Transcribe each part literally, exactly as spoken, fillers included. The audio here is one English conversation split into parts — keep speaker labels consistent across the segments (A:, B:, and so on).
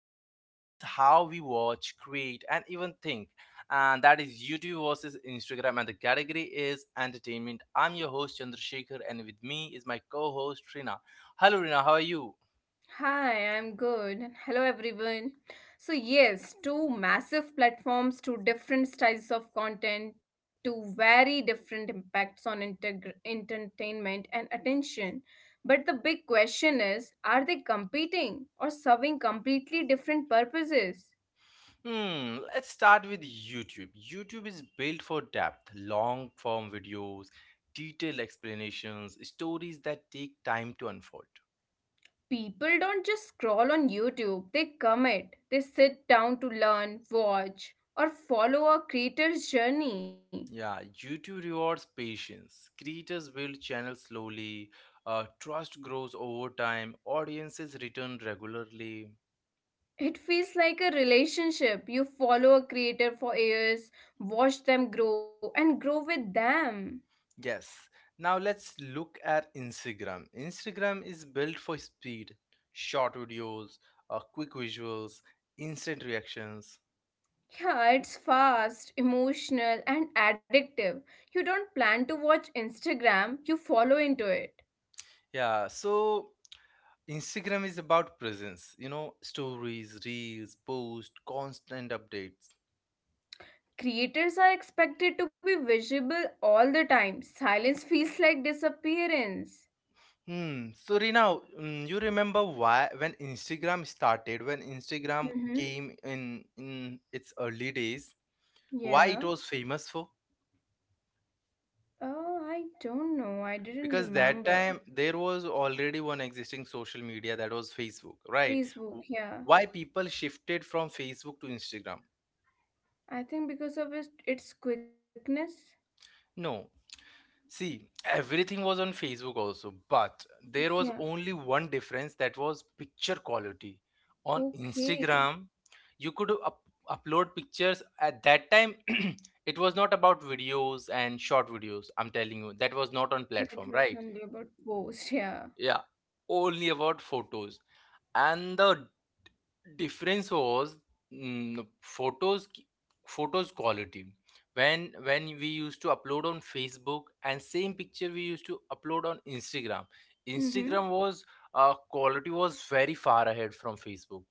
A: that shapes how we watch, create, and even think. And that is YouTube versus Instagram, and the category is entertainment. I'm your host, Chandrasekhar, and with me is my co host, Rina. Hello, Rina, how are you?
B: Hi, I'm good. And hello, everyone. So, yes, two massive platforms, two different styles of content, two very different impacts on integ- entertainment and attention. But the big question is, are they competing or serving completely different purposes?
A: Hmm, let's start with YouTube. YouTube is built for depth, long form videos, detailed explanations, stories that take time to unfold.
B: People don't just scroll on YouTube, they commit. They sit down to learn, watch, or follow a creator's journey.
A: Yeah, YouTube rewards patience. Creators build channels slowly, uh, trust grows over time, audiences return regularly.
B: It feels like a relationship. You follow a creator for years, watch them grow, and grow with them.
A: Yes, now let's look at Instagram. Instagram is built for speed, short videos, uh, quick visuals, instant reactions.
B: Yeah, it's fast, emotional, and addictive. You don't plan to watch Instagram, you follow into it.
A: Yeah, so Instagram is about presence, you know, stories, reels, posts, constant updates.
B: Creators are expected to be visible all the time. Silence feels like disappearance.
A: Hmm. So Rina, mm, you remember why when Instagram started, when Instagram
B: Mm-hmm.
A: came in in its early days, why it
B: Yeah.
A: was famous for?
B: Oh, I don't know. I didn't
A: Because that
B: remember.
A: time there was already one existing social media that was Facebook, right?
B: Facebook,
A: W-
B: yeah.
A: Why people shifted from Facebook to Instagram?
B: I think because of its, its quickness.
A: No, see, everything was on Facebook also, but there
B: Yeah.
A: was only one difference that was picture quality. On
B: Okay.
A: Instagram, you could up- upload pictures at that time. It was not about videos and short videos. I'm telling you, that was
B: Yeah,
A: not on
B: it was
A: platform,
B: only
A: right?
B: about post. Yeah.
A: Yeah, only about photos. And the difference was mm, photos, photos quality, when when we used to upload on facebook and same picture we used to upload on instagram,
B: Mm-hmm.
A: instagram was uh, quality was very far ahead from facebook.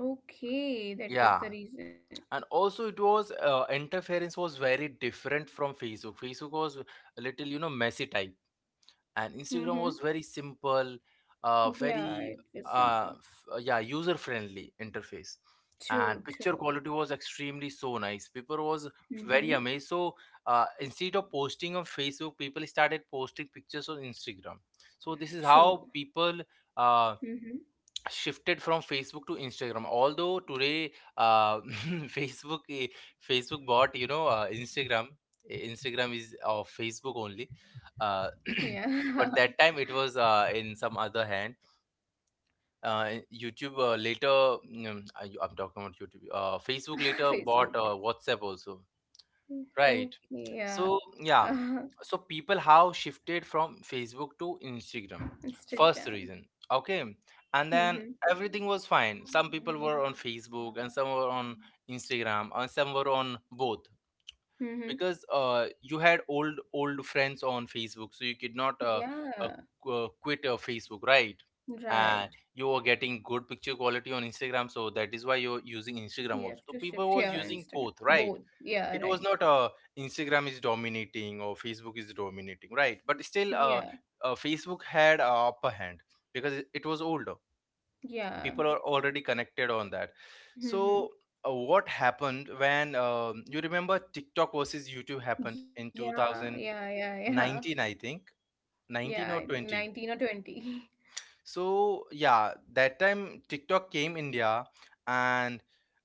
B: Okay, that was
A: Yeah,
B: the reason.
A: and also it was uh, interference was very different from facebook. Facebook was a little, you know, messy type, and
B: Mm-hmm.
A: instagram was very simple, uh,
B: Yeah, it
A: very
B: was simple.
A: uh, f- uh, yeah, user friendly interface, and
B: True,
A: picture
B: true.
A: quality was extremely so nice, people was very
B: Mm-hmm.
A: amazed. So uh, instead of posting on facebook, people started posting pictures on instagram. So this is
B: True.
A: how people uh,
B: Mm-hmm.
A: shifted from facebook to instagram. Although today uh, facebook i- facebook bought, you know, uh, instagram. I- Instagram is of facebook only. uh,
B: Yeah.
A: but that time it was uh, in some other hand. uh, youtube uh, later, mm, I- I'm talking about youtube. uh, Facebook later bought
B: Facebook.
A: uh, whatsapp also. Right.
B: Okay,
A: So,
B: yeah.
A: yeah. So people have shifted from Facebook to Instagram.
B: Instagram.
A: First reason. Okay. And then
B: Mm-hmm.
A: everything was fine. Some people were on Facebook and some were on Instagram and some were on both,
B: Mm-hmm.
A: because uh, you had old old friends on Facebook, so you could not uh,
B: Yeah,
A: uh, qu- uh, quit uh, Facebook, right? And
B: right.
A: you were getting good picture quality on Instagram, so that is why you're using Instagram
B: You
A: also.
B: have
A: So
B: to
A: people
B: shift
A: was
B: your
A: using
B: Instagram.
A: both, right?
B: Both. Yeah,
A: It was
B: right.
A: not uh, instagram is dominating or facebook is dominating, right, but still
B: Yeah,
A: uh, uh, facebook had a upper hand, because it it was older,
B: yeah.
A: people are already connected on that.
B: Mm-hmm.
A: So uh, what happened when um, you remember tiktok versus youtube happened in
B: Yeah, yeah, yeah, yeah.
A: two thousand nineteen, I think,
B: Yeah, I
A: nineteen or
B: think
A: twenty.
B: nineteen or twenty.
A: So yeah, that time TikTok came India, and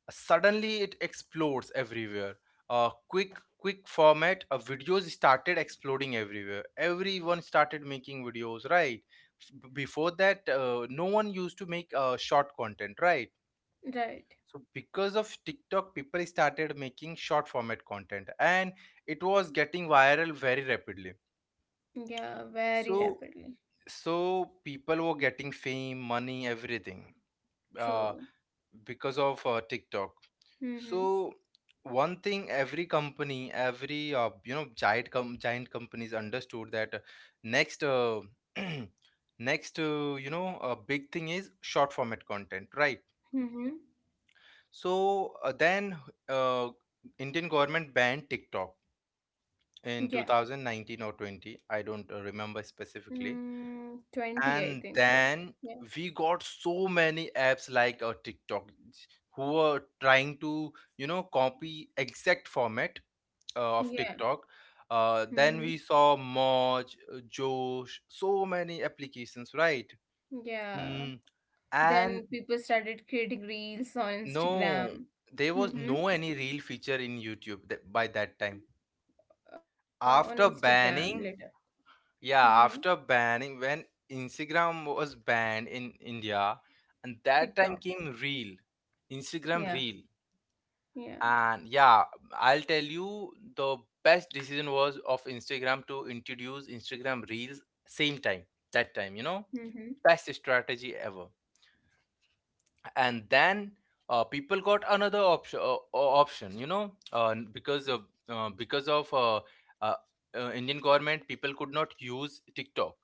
A: suddenly it explodes everywhere. A quick quick format of videos started exploding everywhere. Everyone started making videos, right? F- Before that, uh, no one used to make uh, short content, right?
B: Right.
A: So because of TikTok, people started making short format content, and it was getting viral very rapidly.
B: Yeah, very
A: So
B: rapidly.
A: so people were getting fame, money, everything. Uh,
B: True.
A: because of uh, TikTok.
B: Mm-hmm.
A: So one thing every company, every uh, you know, giant com- giant companies understood that uh, next uh, next uh, you know, a big thing is short format content, right?
B: Mm-hmm.
A: So uh, then uh, Indian government banned TikTok
B: Yeah.
A: in two thousand nineteen or twenty, I don't uh, remember specifically.
B: Mm, twenty, I think
A: And
B: so.
A: then
B: Yeah.
A: we got so many apps like a TikTok who were trying to, you know, copy exact format uh, of
B: Yeah.
A: TikTok. Uh,
B: Mm-hmm.
A: then we saw Moj, uh, Josh, so many applications, right?
B: Yeah.
A: Mm, and
B: Then people started creating reels on Instagram.
A: no, there was
B: Mm-hmm.
A: no any real feature in YouTube that, by that time.
B: Uh, on
A: After
B: Instagram later.
A: banning.
B: Mm-hmm.
A: Yeah, after banning, when Instagram was banned in India, and that time
B: TikTok.
A: came Reel, Instagram
B: Yeah.
A: Reel,
B: Yeah.
A: and yeah, I'll tell you, the best decision was of Instagram to introduce Instagram Reels same time. That time, you know,
B: Mm-hmm.
A: best strategy ever. And then uh, people got another option, uh, option, you know, uh, because of uh, because of uh, uh, uh, Indian government, people could not use TikTok,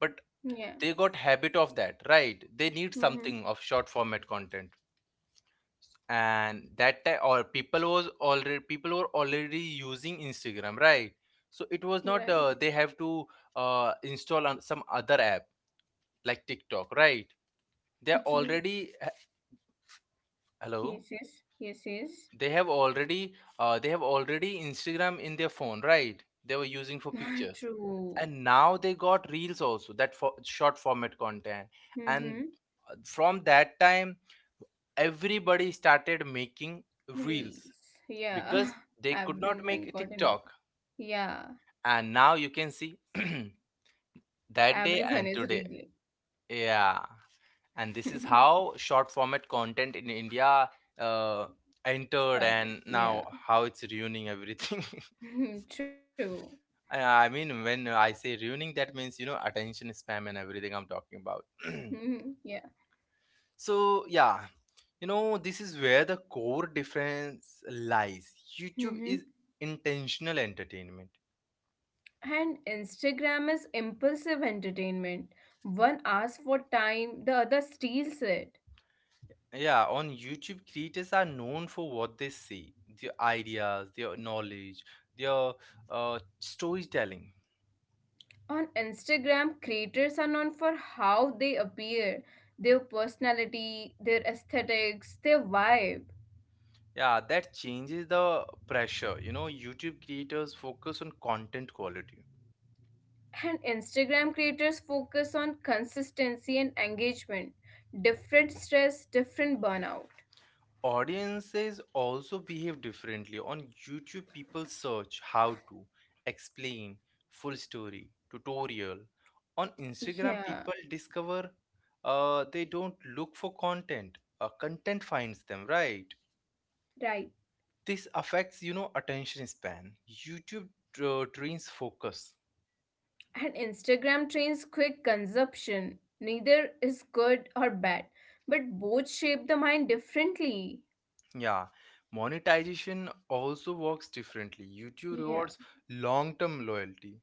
A: but
B: Yeah.
A: they got habit of that, right, they need
B: Mm-hmm.
A: something of short format content. And that time or people was already people were already using instagram, right, so it was not uh, they have to uh, install on some other app like tiktok, right. they are
B: Right.
A: already h- Hello.
B: Yes, yes, yes, yes.
A: They have already uh, they have already instagram in their phone, right, they were using for pictures,
B: True.
A: and now they got reels also, that for short format content. And
B: Mm-hmm.
A: uh, from that time, everybody started making reels,
B: Reels. Yeah.
A: because they could not
B: Everyone
A: make
B: got
A: TikTok.
B: involved. Yeah.
A: And now you can see that
B: Everyone
A: day
B: is
A: and
B: reeling.
A: today. Yeah. And this is how short format content in India uh, entered,
B: Started.
A: and now
B: Yeah.
A: how it's ruining everything.
B: True.
A: I mean, when I say ruining, that means, you know, attention spam and everything I'm talking about.
B: Mhm. Yeah.
A: So, yeah, you know, this is where the core difference lies. YouTube
B: Mm-hmm.
A: is intentional entertainment.
B: And Instagram is impulsive entertainment. One asks for time, the other steals it.
A: Yeah, on YouTube, creators are known for what they say, their ideas, their knowledge, their uh, storytelling.
B: On Instagram, creators are known for how they appear, their personality, their aesthetics, their vibe.
A: Yeah, that changes the pressure. You know, YouTube creators focus on content quality.
B: And Instagram creators focus on consistency and engagement, different stress, different burnout.
A: Audiences also behave differently. On YouTube, people search how to, explain, full story, tutorial. On Instagram,
B: Yeah,
A: people discover, uh, they don't look for content. Uh, content finds them, right?
B: right.
A: This affects, you know, attention span. YouTube uh, trains focus.
B: And Instagram trains quick consumption. Neither is good or bad, but both shape the mind differently.
A: Yeah. Monetization also works differently. YouTube rewards
B: Yeah.
A: long term loyalty.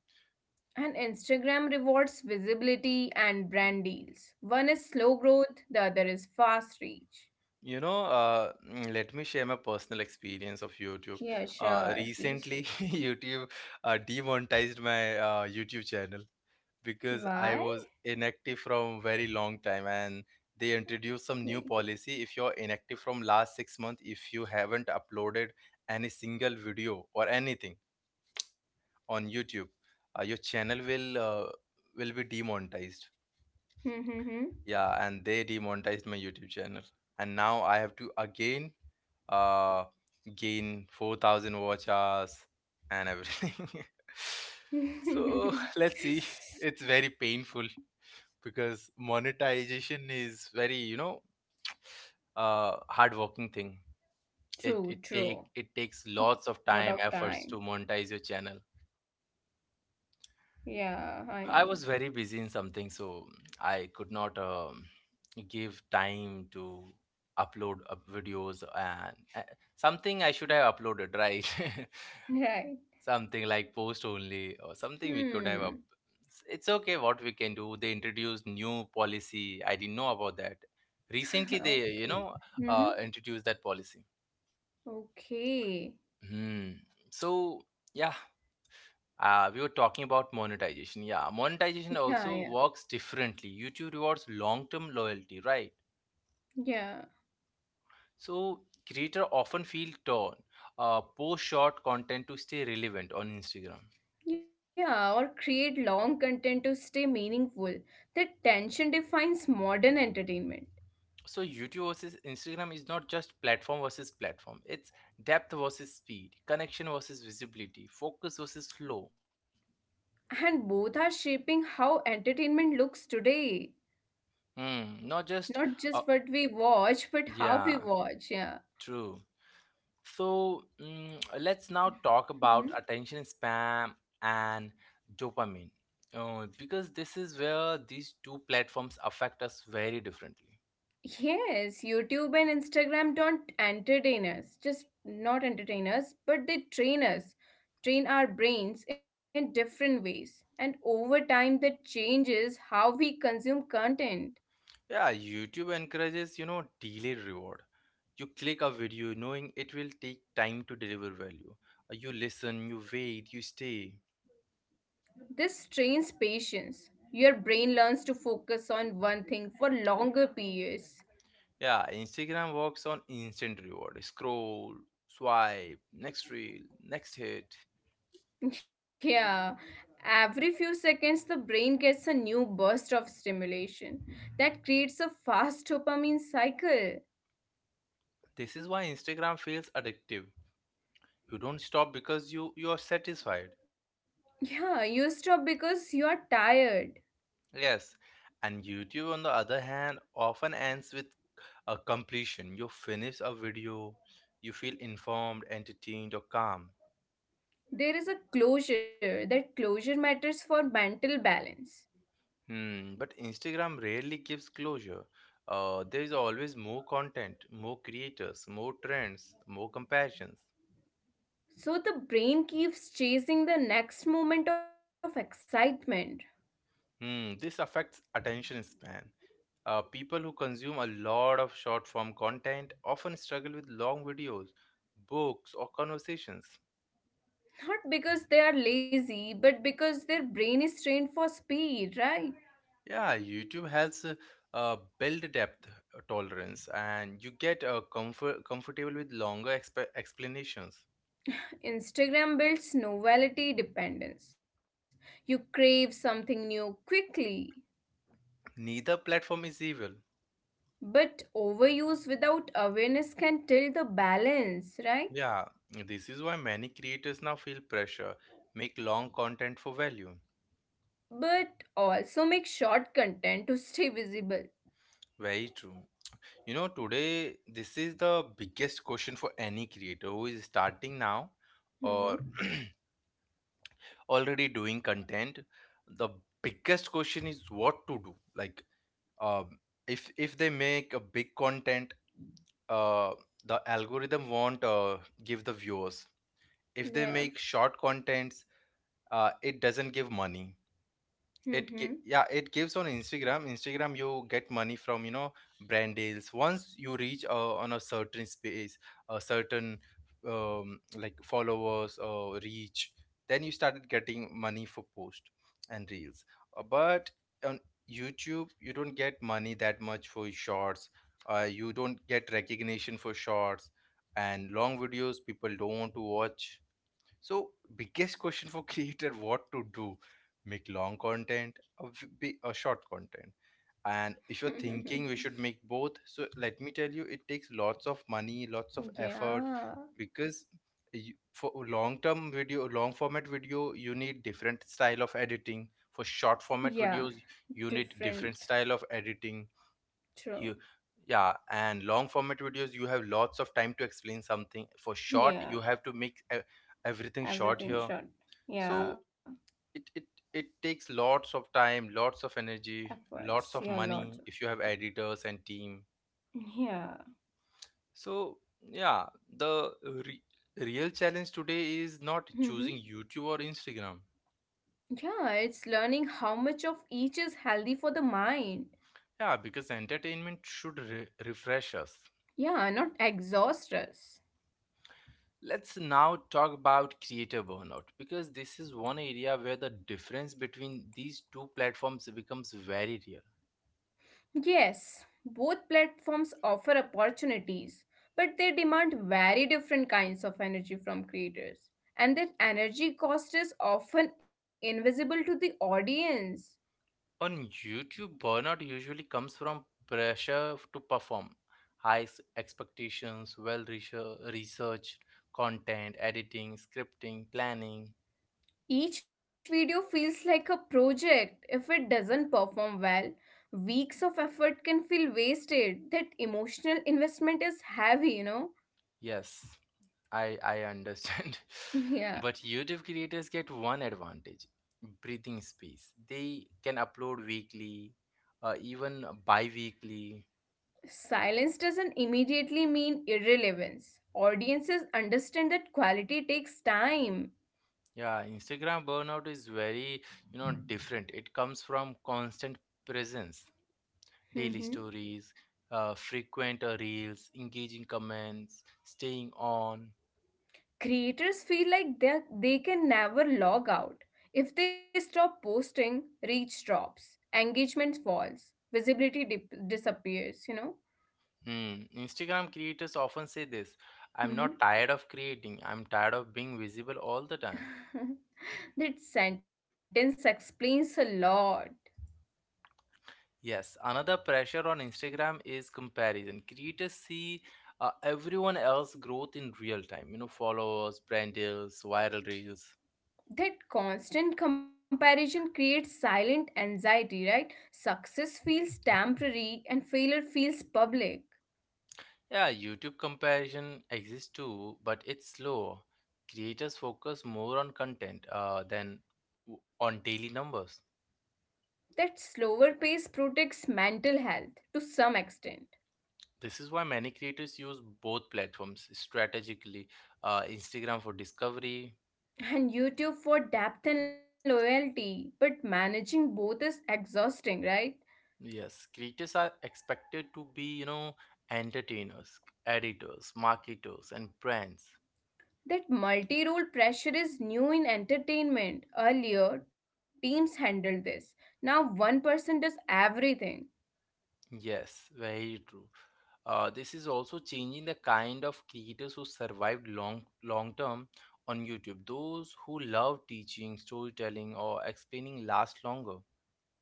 B: And Instagram rewards visibility and brand deals. One is slow growth, the other is fast reach.
A: You know, uh, mm, let me share my personal experience of YouTube.
B: Yeah,
A: Uh,
B: sure. Please
A: recently,
B: share.
A: YouTube uh, demonetized my uh, YouTube channel, because I
B: Why?
A: was inactive from very long time, and they introduced some new policy. If you're inactive from last six months, if you haven't uploaded any single video or anything on YouTube, uh, your channel will uh, will be demonetized.
B: Hmm.
A: Yeah, and they demonetized my youtube channel, and now I have to again uh gain four thousand watch hours and everything. So let's see, it's very painful, because monetization is very, you know, uh hardworking thing. it it
B: True,
A: take
B: true.
A: it takes lots of time,
B: Lot of
A: efforts to
B: time.
A: monetize your channel.
B: Yeah, I
A: I
B: know.
A: was very busy in something, so I could not um, give time to upload up videos, and uh, something I should have uploaded, right?
B: Right.
A: Something like post only, or something we could have up.
B: Hmm.
A: It's okay, what we can do. They introduced new policy. I didn't know about that. Recently, they, you know,
B: Okay.
A: uh,
B: Mm-hmm.
A: introduced that policy.
B: Okay.
A: Hmm. So yeah, uh, we were talking about monetization. Yeah, monetization
B: Yeah,
A: also
B: yeah.
A: works differently, youtube rewards long-term loyalty, right.
B: Yeah.
A: So creator often feel torn, uh, post short content to stay relevant on instagram.
B: Yeah, or create long content to stay meaningful. The tension defines modern entertainment.
A: So youtube versus instagram is not just platform versus platform, it's depth versus speed, connection versus visibility, focus versus flow.
B: And both are shaping how entertainment looks today.
A: Hmm, not just uh,
B: Not just what we watch, but
A: yeah,
B: how we watch. Yeah.
A: true. So mm, let's now talk about
B: Mhm.
A: attention spam and dopamine, uh, because this is where these two platforms affect us very differently.
B: Yes, YouTube and Instagram don't entertain us, just not entertain us, but they train us, train our brains in different ways. And over time, that changes how we consume content.
A: Yeah, YouTube encourages, you know, delayed reward. You click a video knowing it will take time to deliver value. Uh, You listen, you wait, you stay.
B: This trains patience. Your brain learns to focus on one thing for longer periods.
A: Yeah, Instagram works on instant reward. Scroll, swipe, next reel, next hit.
B: Yeah, every few seconds the brain gets a new burst of stimulation that creates a fast dopamine cycle.
A: This is why Instagram feels addictive, you don't stop because you you are satisfied.
B: Yeah, you stop because you are tired.
A: Yes, and youtube, on the other hand, often ends with a completion. You finish a video, you feel informed, entertained, or calm.
B: There is a closure, that closure matters for mental balance.
A: Hmm. But instagram rarely gives closure, uh, there is always more content, more creators, more trends, more comparisons.
B: So the brain keeps chasing the next moment of excitement.
A: Hmm. This affects attention span. Uh, people who consume a lot of short form content often struggle with long videos, books, or conversations.
B: Not because they are lazy, but because their brain is trained for speed, right?
A: Yeah, YouTube has a, uh build depth uh, tolerance, and you get uh, comfort comfortable with longer exp- explanations.
B: Instagram builds novelty dependence. You crave something new quickly,
A: Neither platform is evil.
B: but overuse without awareness can tilt the balance,
A: Yeah,
B: right?
A: this is why many creators now feel pressure, make long content for value.
B: But also make short content to stay visible.
A: Very true. You know, today this is the biggest question for any creator who is starting now or
B: Hmm.
A: already doing content. The biggest question is what to do. Like, um, if if they make a big content, uh, the algorithm won't uh, give the viewers. If they make
B: Yeah.
A: short contents, uh, it doesn't give money. It gi-
B: Hmm.
A: yeah, it gives on Instagram. Instagram, you get money from you know brand deals once you reach uh, on a certain space, a certain, um, like, followers or reach. Then you started getting money for post and reels. Uh, but on YouTube you don't get money that much for shorts. Uh, you don't get recognition for shorts, and long videos people don't want to watch. So, biggest question for creator, what to do? Make long content or be a short content. And if you're thinking we should make both, so let me tell you, it takes lots of money, lots of effort,
B: Yeah.
A: because you, for long term video, long format video, you need different style of editing. For short format
B: Yeah.
A: videos, you need different
B: Different.
A: style of editing. You
B: True.
A: Yeah, and long format videos you have lots of time to explain something. For short you have to
B: Yeah.
A: make e- everything short here.
B: Everything short.
A: So
B: Yeah.
A: it it it takes lots of time, lots of energy, lots of
B: Efforts. Yeah.
A: money if you
B: Lots. of-
A: have editors and team.
B: Yeah.
A: So yeah, the re- real challenge today is not choosing
B: Hmm.
A: YouTube or Instagram.
B: Yeah, it's learning how much of each is healthy for the mind.
A: Yeah, because entertainment should re- refresh us.
B: Yeah, not exhaust us.
A: Let's now talk about creator burnout, because this is one area where the difference between these two platforms becomes very real.
B: Yes, both platforms offer opportunities, but they demand very different kinds of energy from creators. And that energy cost is often invisible to the audience.
A: On YouTube, burnout usually comes from pressure to perform, high s- expectations, well researched content, editing, scripting, planning.
B: Each video feels like a project. If it doesn't perform well, weeks of effort can feel wasted. That emotional investment is heavy, you know?
A: Yes, I I understand. But
B: Yeah.
A: YouTube creators get one advantage, breathing space. They can upload weekly, uh, even bi-weekly.
B: Silence doesn't immediately mean irrelevance. Audiences understand that quality takes time.
A: Yeah, Instagram burnout is very, you know, different. It comes from constant presence, daily
B: Mhm.
A: stories, uh, frequent uh, reels, engaging comments, staying on.
B: Creators feel like they they can never log out. If they stop posting, reach drops, engagement falls, visibility dip- disappears, you know?
A: Hmm. Instagram creators often say this, I'm
B: Mhm.
A: not tired of creating, I'm tired of being visible all the time.
B: That sentence explains a lot.
A: Yes, another pressure on Instagram is comparison. Creators see uh, everyone else growth in real time, you know, followers, brand deals, viral reels.
B: That constant comparison creates silent anxiety, right? Success feels temporary and failure feels public.
A: Yeah, YouTube comparison exists too, but it's slow. Creators focus more on content uh, than w- on daily numbers.
B: That slower pace protects mental health to some extent,
A: This is why many creators use both platforms strategically. Uh, Instagram for discovery.
B: and YouTube for depth and loyalty, but managing both is exhausting, right?
A: Yes, creators are expected to be, you know, entertainers, editors, marketers, and brands.
B: That multi role pressure is new in entertainment. Earlier, teams handled this. Now, one person does everything.
A: Yes, very true. Uh, this is also changing the kind of creators who survived long long term on YouTube. Those who love teaching, storytelling, or explaining last longer.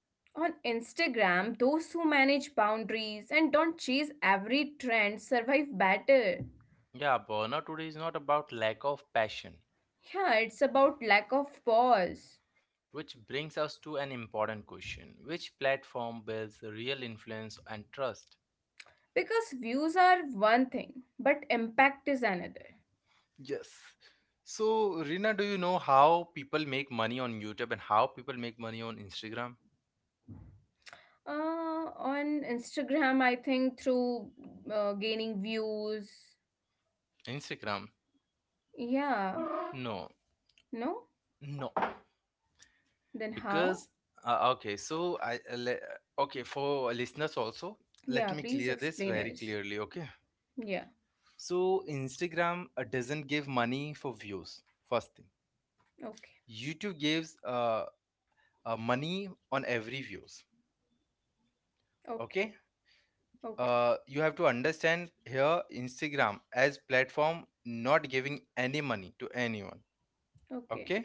B: On Instagram, those who manage boundaries and don't chase every trend survive better.
A: Yeah, burnout today is not about lack of passion,
B: Yeah, it's about lack of pause.
A: which brings us to an important question: which platform builds real influence and trust?
B: Because views are one thing, but impact is another.
A: Yes. So, Rina, do you know how people make money on YouTube and how people make money on Instagram?
B: Uh, on Instagram, I think through uh, gaining views.
A: Instagram?
B: Yeah,
A: No,
B: no?
A: no.
B: Then how?
A: Because, uh, okay, so I, uh, le- uh, okay, for listeners also, let
B: Yeah,
A: me
B: please
A: clear this
B: explain
A: very
B: us.
A: clearly, okay?
B: Yeah,
A: So, Instagram uh, doesn't give money for views, first thing.
B: okay,
A: YouTube gives uh, uh, money on every views,
B: okay,
A: okay?
B: okay,
A: Uh, you have to understand here, Instagram as platform not giving any money to anyone,
B: okay,
A: okay?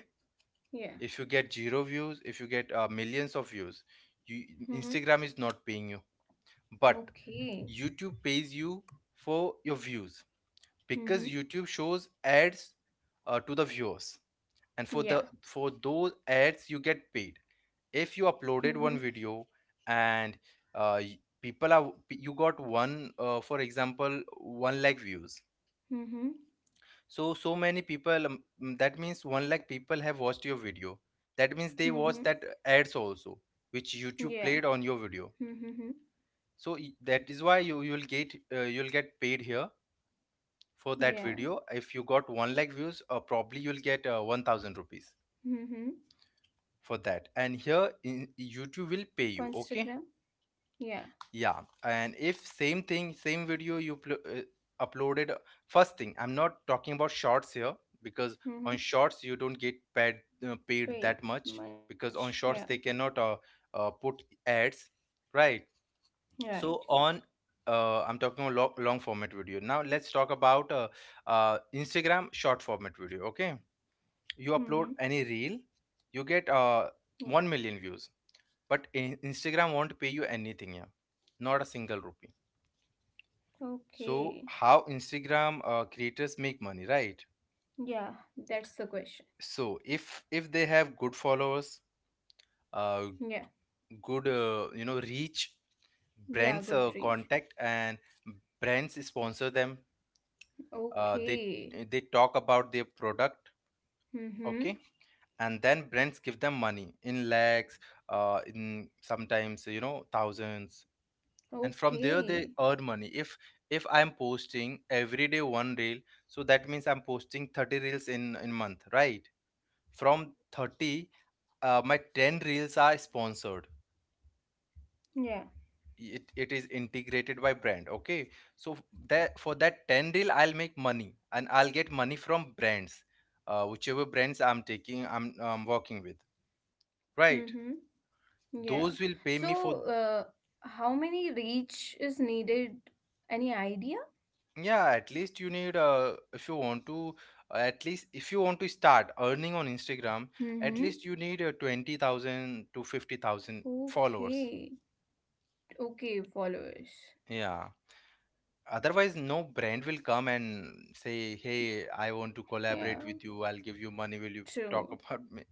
B: yeah.
A: If you get zero views, if you get uh, millions of views, you,
B: Mm-hmm.
A: Instagram is not paying you. But
B: Okay.
A: YouTube pays you for your views, because
B: Mm-hmm.
A: YouTube shows ads uh, to the viewers, and for
B: Yeah.
A: the, for those ads you get paid. If you
B: Mm-hmm.
A: uploaded one video and uh, y- people are, you got one, uh, for example, one lakh views.
B: Mm-hmm.
A: So so many people, um, mm, that means one lakh people have watched your video. That means they
B: Mm-hmm.
A: watched that ads also, which
B: Yeah.
A: YouTube played on your video.
B: Mm-hmm.
A: So y- that is why you you'll get, uh, you'll get paid here. For that
B: Yeah.
A: video, if you got one lakh views, uh, probably you'll get uh, one thousand rupees
B: Mm-hmm.
A: for that. And here in YouTube will
B: For
A: pay you,
B: Instagram?
A: okay?
B: Yeah.
A: Yeah, and if same thing, same video you pl- uh, uploaded, first thing, I'm not talking about shorts here, because
B: Mm-hmm.
A: on shorts you don't get paid, uh, paid
B: Paid
A: that much,
B: much.
A: because on
B: Yeah.
A: shorts they cannot uh, uh, put ads, right? So
B: Right.
A: on, uh, I'm talking about long, long format video. Now let's talk about uh, uh, Instagram short format video, okay? You
B: Mm-hmm.
A: upload any reel, you get
B: Yeah.
A: uh, one million views, but in- Instagram won't pay you anything. Yeah, not a single rupee.
B: Okay.
A: So how Instagram uh, creators make money, right?
B: Yeah, that's the question.
A: So if if they have good followers,
B: Yeah.
A: uh, good, uh, you know, reach,
B: Yeah,
A: brands
B: good
A: uh,
B: reach.
A: contact, and brands sponsor them. uh, they
B: Okay.
A: they talk about their product,
B: Mm-hmm.
A: okay, and then brands give them money in lakhs, uh, in sometimes, you know, thousands. And from there
B: Okay.
A: they earn money. if if I'm posting every day one reel, so that means I'm posting thirty reels in in month, right? From thirty, uh, my ten reels are sponsored.
B: Yeah.
A: it, it is integrated by brand, okay? So f- that, for that ten reel, I'll make money, and I'll get money from brands, uh, whichever brands I'm taking, I'm, um, working with, right?
B: Mm-hmm. Yeah.
A: Those will pay
B: So,
A: me for.
B: uh, how many reach is needed? Any idea?
A: Yeah, at least you need, uh, if you want to, uh, at least, if you want to start earning on Instagram, at
B: Mm-hmm.
A: least you need uh, twenty thousand to fifty thousand
B: Okay.
A: followers.
B: Okay, followers.
A: Yeah. Otherwise no brand will come and say, "Hey, I want to
B: Yeah,
A: collaborate with you. I'll give you money. Will you talk
B: true.
A: about me?"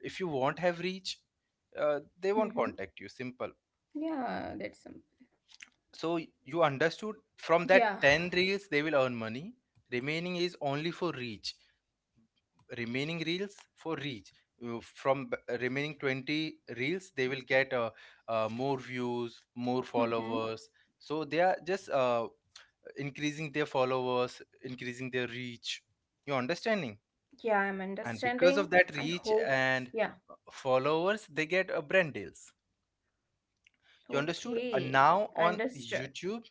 A: If you won't have reach, uh,
B: Mm-hmm.
A: they won't contact you. Simple.
B: Yeah, that's some.
A: So y- you understood, from
B: Yeah.
A: that ten reels they will earn money. Remaining is only for reach. Remaining reels for reach. Uh, from b- uh, remaining twenty reels they will get uh, uh, more views, more
B: Mm-hmm.
A: followers. So they are just, uh, increasing their followers, increasing their reach. You understanding?
B: Yeah, I'm
A: And because
B: understanding.
A: of that
B: I
A: reach
B: hope.
A: and
B: Yeah.
A: followers, they get a brand deals. You understood.
B: Okay,
A: And now on
B: understood.
A: YouTube,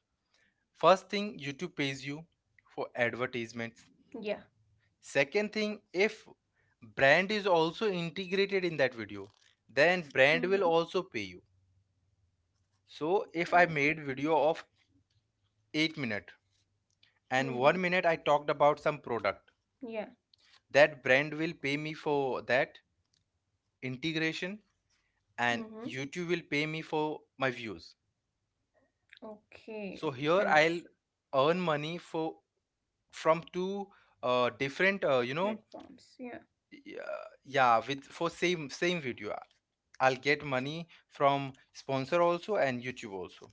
A: first thing, YouTube pays you for advertisements.
B: Yeah.
A: Second thing, if brand is also integrated in that video, then
B: Mm-hmm.
A: brand will also pay you. So if
B: Oh.
A: I made video of eight minute and one
B: Mm-hmm.
A: minute I talked about some product,
B: Yeah.
A: that brand will pay me for that integration, and
B: Mm-hmm.
A: YouTube will pay me for my views. So
B: Okay,
A: here I'll
B: understood.
A: earn money for, from two, uh, different, uh, you know.
B: Platforms. Yeah.
A: Yeah, yeah, with for same, same video I'll get money from sponsor also and YouTube also.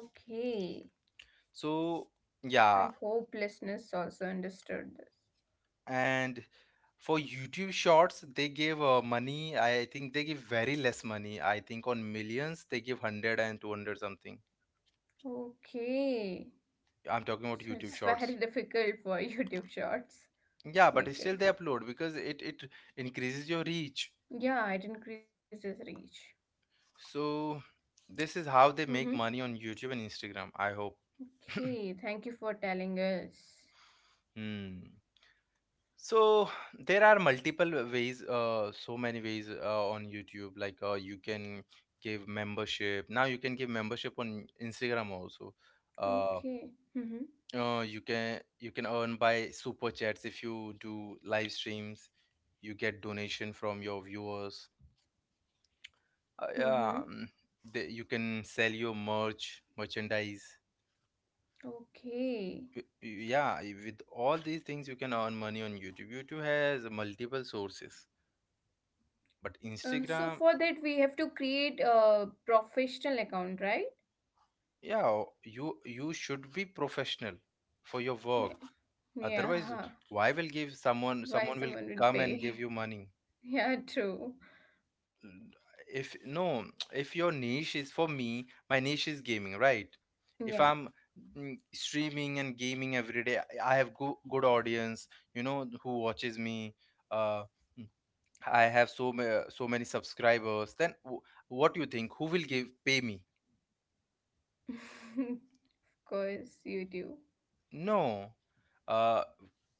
B: Okay.
A: So yeah.
B: I hope listeners also understood this.
A: And for YouTube shorts they give uh, money, I think they give very less money. I think on millions they give one hundred and two hundred something.
B: Okay.
A: I'm talking
B: So
A: about
B: it's
A: YouTube
B: very
A: shorts.
B: difficult for YouTube Shorts
A: Yeah, but
B: maker.
A: still they upload because it it increases your reach.
B: Yeah, it increases reach.
A: So this is how they
B: Mm-hmm.
A: make money on YouTube and Instagram, I hope.
B: Okay. Thank you for telling us.
A: Hmm. So there are multiple ways, uh, so many ways uh, on YouTube. Like, uh, you can give membership. Now you can give membership on Instagram also. Uh,
B: Okay. Mm-hmm.
A: uh, you can, you can earn by super chats if you do live streams. You get donation from your viewers. Uh,
B: Mm-hmm.
A: yeah, mm, the, you can sell your merch, merchandise. Y-
B: Okay.
A: y- Yeah, y- with all these things you can earn money on YouTube. YouTube has multiple sources, but
B: Uh, so
A: Instagram.
B: for that we have to create a professional account, right?
A: Yeah, you you should be professional for your work.
B: Yeah.
A: Otherwise
B: Yeah.
A: why will give someone, someone
B: Why
A: will
B: someone
A: come
B: will
A: and give you
B: pay?
A: money?
B: Yeah, true.
A: N- if no, if your niche is, for me my niche is gaming, right? If I'm,
B: Yeah.
A: mm, streaming and gaming every day, i I have good, good audience, you know, who watches me, uh, I have so ma- so many subscribers, then wh- what do you think, who will give, pay me?
B: Of course you do.
A: No, uh,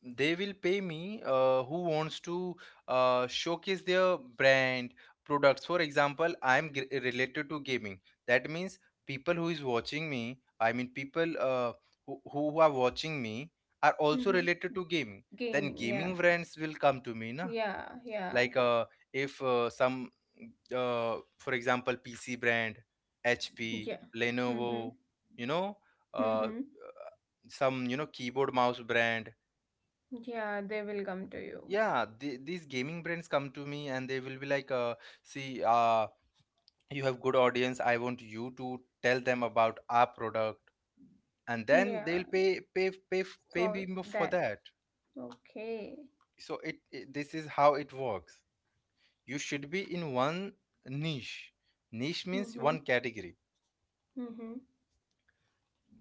A: they will pay me, uh, who wants to uh, showcase their brand products. For example, I'm g related to gaming. That means people who is watching me, I mean people uh, who, who are watching me are also related to
B: Mm-hmm.
A: gaming. Then
B: Gaming,
A: gaming
B: yeah.
A: brands will come to me, na?
B: Yeah,
A: Like,
B: yeah.
A: uh, if, uh, some, uh, for example, PC brand, HP,
B: Yeah.
A: Lenovo,
B: Mm-hmm.
A: you know, uh, uh,
B: Mm-hmm.
A: some, you know, keyboard mouse brand.
B: Yeah, they will come to you.
A: Yeah, the, these gaming brands come to me and they will be like, uh, see, uh, you have good audience, I want you to tell them about our product, and then
B: Yeah,
A: they'll pay pay pay pay me
B: for
A: mo- for
B: that.
A: that.
B: Okay.
A: So it, it this is how it works. You should be in one niche. Niche means
B: Mm-hmm.
A: one category.
B: Mm-hmm.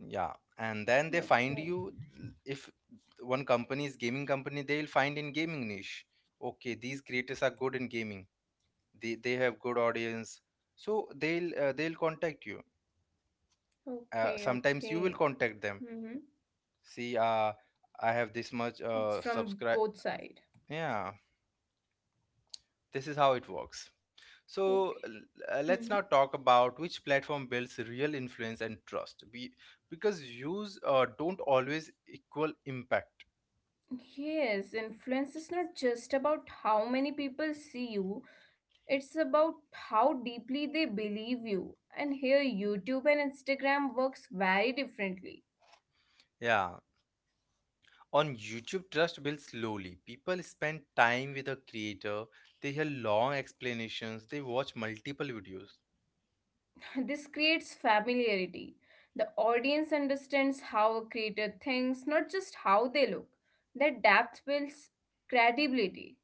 A: Yeah, and then they find
B: Okay.
A: you. If one company is gaming company, they will find in gaming niche. Okay, these creators are good in gaming. They they have good audience, so they'll, uh, they'll contact you. Uh,
B: Okay,
A: sometimes you will
B: okay.
A: contact them.
B: Mm-hmm.
A: See, uh, I have this much,
B: It's
A: uh,
B: from
A: subscribe.
B: both side.
A: Yeah, this is how it works. So
B: Okay.
A: l- uh, let's
B: Hmm.
A: now talk about which platform builds real influence and trust. Be Because views uh, don't always equal impact.
B: Yes, influence is not just about how many people see you, it's about how deeply they believe you. And here, YouTube and Instagram works very differently.
A: Yeah. On YouTube, trust builds slowly. People spend time with a creator, they hear long explanations, they watch multiple videos.
B: This creates familiarity. The audience understands how a creator thinks, not just how they look. That depth builds credibility.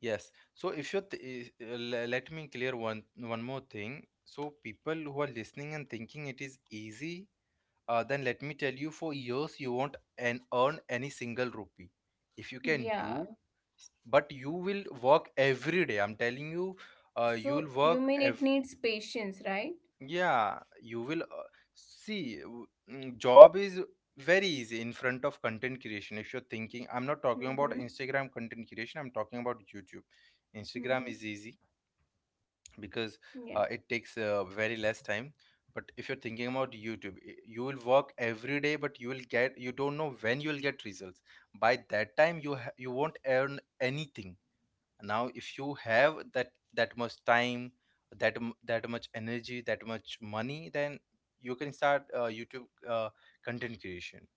A: Yes. So if you th- uh, le- let me clear one, one more thing. So people who are listening and thinking it is easy, uh, then let me tell you, for years you won't and earn any single rupee. If you can do,
B: Yeah.
A: but you will work every day. I'm telling you, uh,
B: So
A: you'll
B: you
A: work.
B: mean it needs patience, right?
A: Yeah, you will, uh, see. w- mm, Job is very easy in front of content creation. If you're thinking, I'm not talking about
B: Mm-hmm.
A: Instagram content creation, I'm talking about YouTube. Instagram is
B: Mm-hmm.
A: easy because
B: Yeah.
A: uh, it takes uh, very less time. But if you're thinking about YouTube, i- you will work every day, but you will get you don't know when you will get results. By that time, you ha- you won't earn anything now if you have that that much time that m- that much energy that much money, then you can start uh, youtube uh, content creation.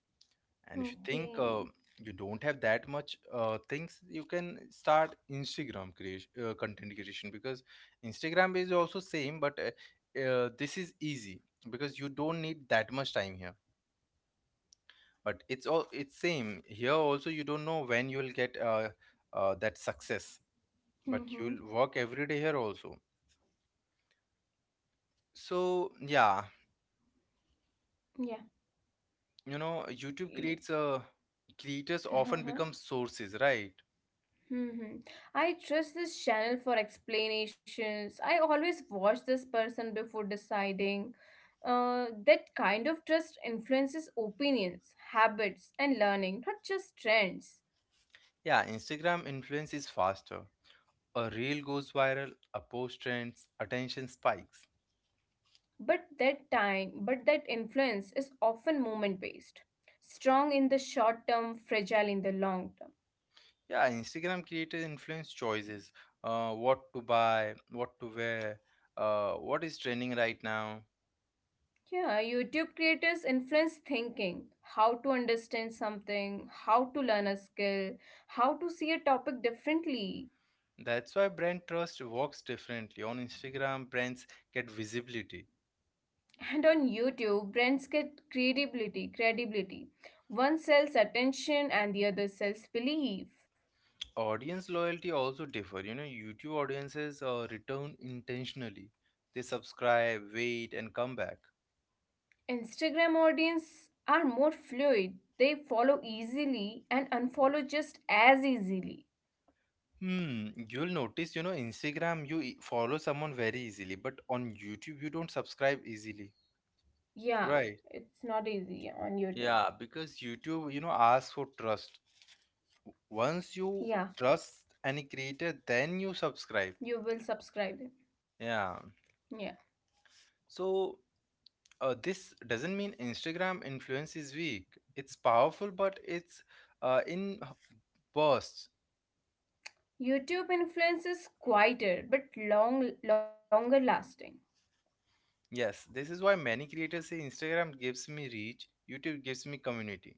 A: And if you think uh,
B: Okay.
A: you don't have that much uh, things, you can start instagram creation uh, content creation because instagram is also same but uh, uh, this is easy because you don't need that much time here, but it's all it's same here also. You don't know when you will get uh, uh, that success, but you'll
B: Mm-hmm.
A: work every day here also. So yeah,
B: Yeah.
A: you know, YouTube
B: Y-
A: creates a creators often
B: Uh-huh.
A: become sources, right?
B: Hmm. I trust this channel for explanations. I always watch this person before deciding. Uh, that kind of trust influences opinions, habits, and learning, not just trends.
A: Yeah, Instagram influence is faster. A reel goes viral, a post trends, attention spikes.
B: But that time, but that influence is often moment based. Strong in the short term, fragile in the long term.
A: Yeah, Instagram creators influence choices. Uh, what to buy, what to wear, uh, what is trending right now.
B: Yeah, YouTube creators influence thinking, how to understand something, how to learn a skill, how to see a topic differently.
A: That's why brand trust works differently. On Instagram, brands get visibility.
B: And on YouTube, brands get credibility, credibility. One sells attention and the other sells belief.
A: Audience loyalty also differ, you know. YouTube audiences uh, return intentionally. They subscribe, wait, and come back.
B: Instagram audience are more fluid. They follow easily and unfollow just as easily.
A: Hmm, you'll notice, you know, instagram you e- follow someone very easily, but on youtube you don't subscribe easily,
B: Yeah,
A: right?
B: it's not easy on YouTube.
A: Yeah, because youtube, you know, asks for trust. Once you
B: Yeah,
A: trust any creator, then you subscribe.
B: you will subscribe.
A: Yeah,
B: Yeah.
A: so uh, this doesn't mean instagram influence is weak. It's powerful, but it's uh, in posts.
B: YouTube influence is quieter but long longer lasting.
A: Yes, this is why many creators say Instagram gives me reach, YouTube gives me community.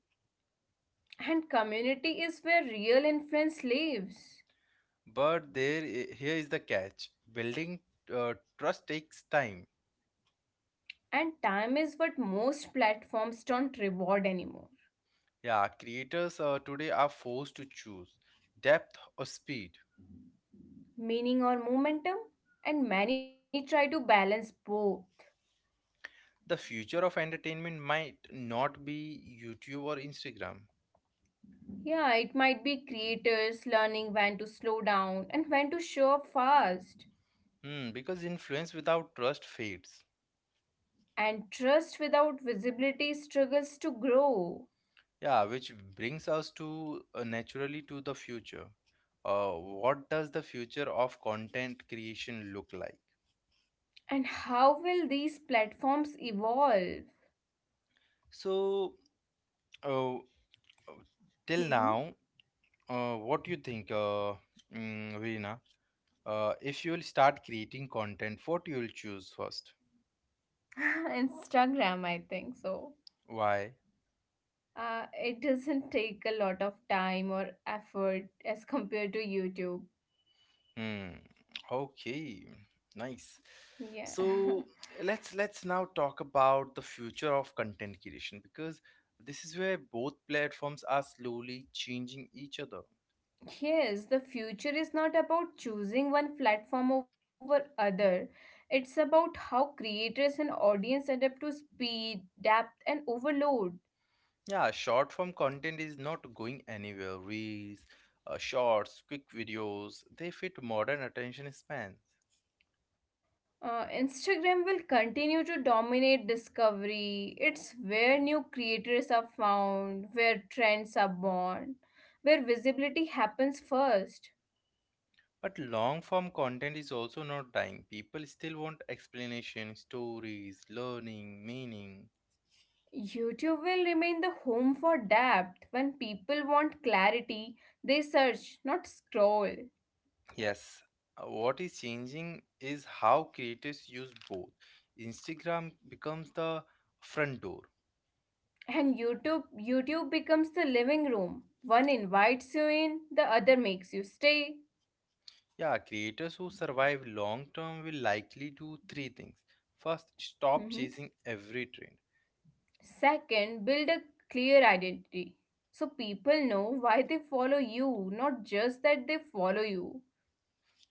B: And community is where real influence lives.
A: But there, i- here is the catch: building uh, trust takes time.
B: And time is what most platforms don't reward anymore.
A: Yeah, creators uh, today are forced to choose depth or speed.
B: Meaning or momentum? And many try to balance both.
A: The future of entertainment might not be YouTube or Instagram.
B: Yeah, it might be creators learning when to slow down and when to show up fast.
A: Hmm, because influence without trust fades.
B: And trust without visibility struggles to grow.
A: Yeah, which brings us to uh, naturally, to the future. Uh, what does the future of content creation look like?
B: And how will these platforms evolve?
A: So, uh, uh, till now,
B: Mhm.
A: uh, what do you think, uh, mm, Veena? Uh, if you will start creating content, what you will choose first?
B: Instagram, I think so.
A: Why?
B: Uh, it doesn't take a lot of time or effort as compared to YouTube.
A: Hmm. Okay. Nice.
B: Yeah.
A: So let's let's now talk about the future of content creation, because this is where both platforms are slowly changing each other.
B: Yes, the future is not about choosing one platform over other. It's about how creators and audience adapt to speed, depth, and overload.
A: Yeah, short form content is not going anywhere. Reels, uh, shorts, quick videos, they fit modern attention spans.
B: Uh, Instagram will continue to dominate discovery. It's where new creators are found, where trends are born, where visibility happens first.
A: But long form content is also not dying. People still want explanation, stories, learning, meaning.
B: YouTube will remain the home for depth. When people want clarity, they search, not scroll.
A: Yes, uh, what is changing is how creators use both. Instagram becomes the front door.
B: And YouTube YouTube becomes the living room. One invites you in, the other makes you stay.
A: Yeah, creators who survive long term will likely do three things. First,
B: Mhm.
A: stop chasing every trend.
B: Second, build a clear identity so people know why they follow you, not just that they follow you,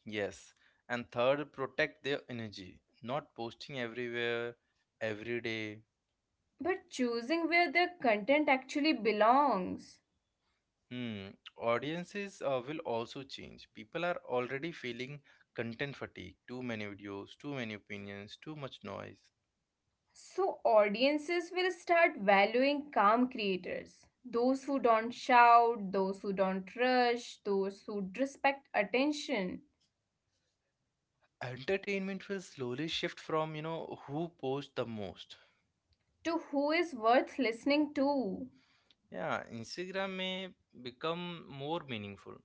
A: Yes. And third, protect their energy. Not posting everywhere, every day.
B: but choosing where their content actually belongs.
A: Hmm. Audiences uh, will also change. People are already feeling content fatigue. Too many videos, too many opinions, too much noise.
B: So, audiences will start valuing calm creators, those who don't shout, those who don't rush, those who respect attention,
A: Entertainment will slowly shift from, you know, who posts the most.
B: to who is worth listening to.
A: Yeah, instagram may become more meaningful.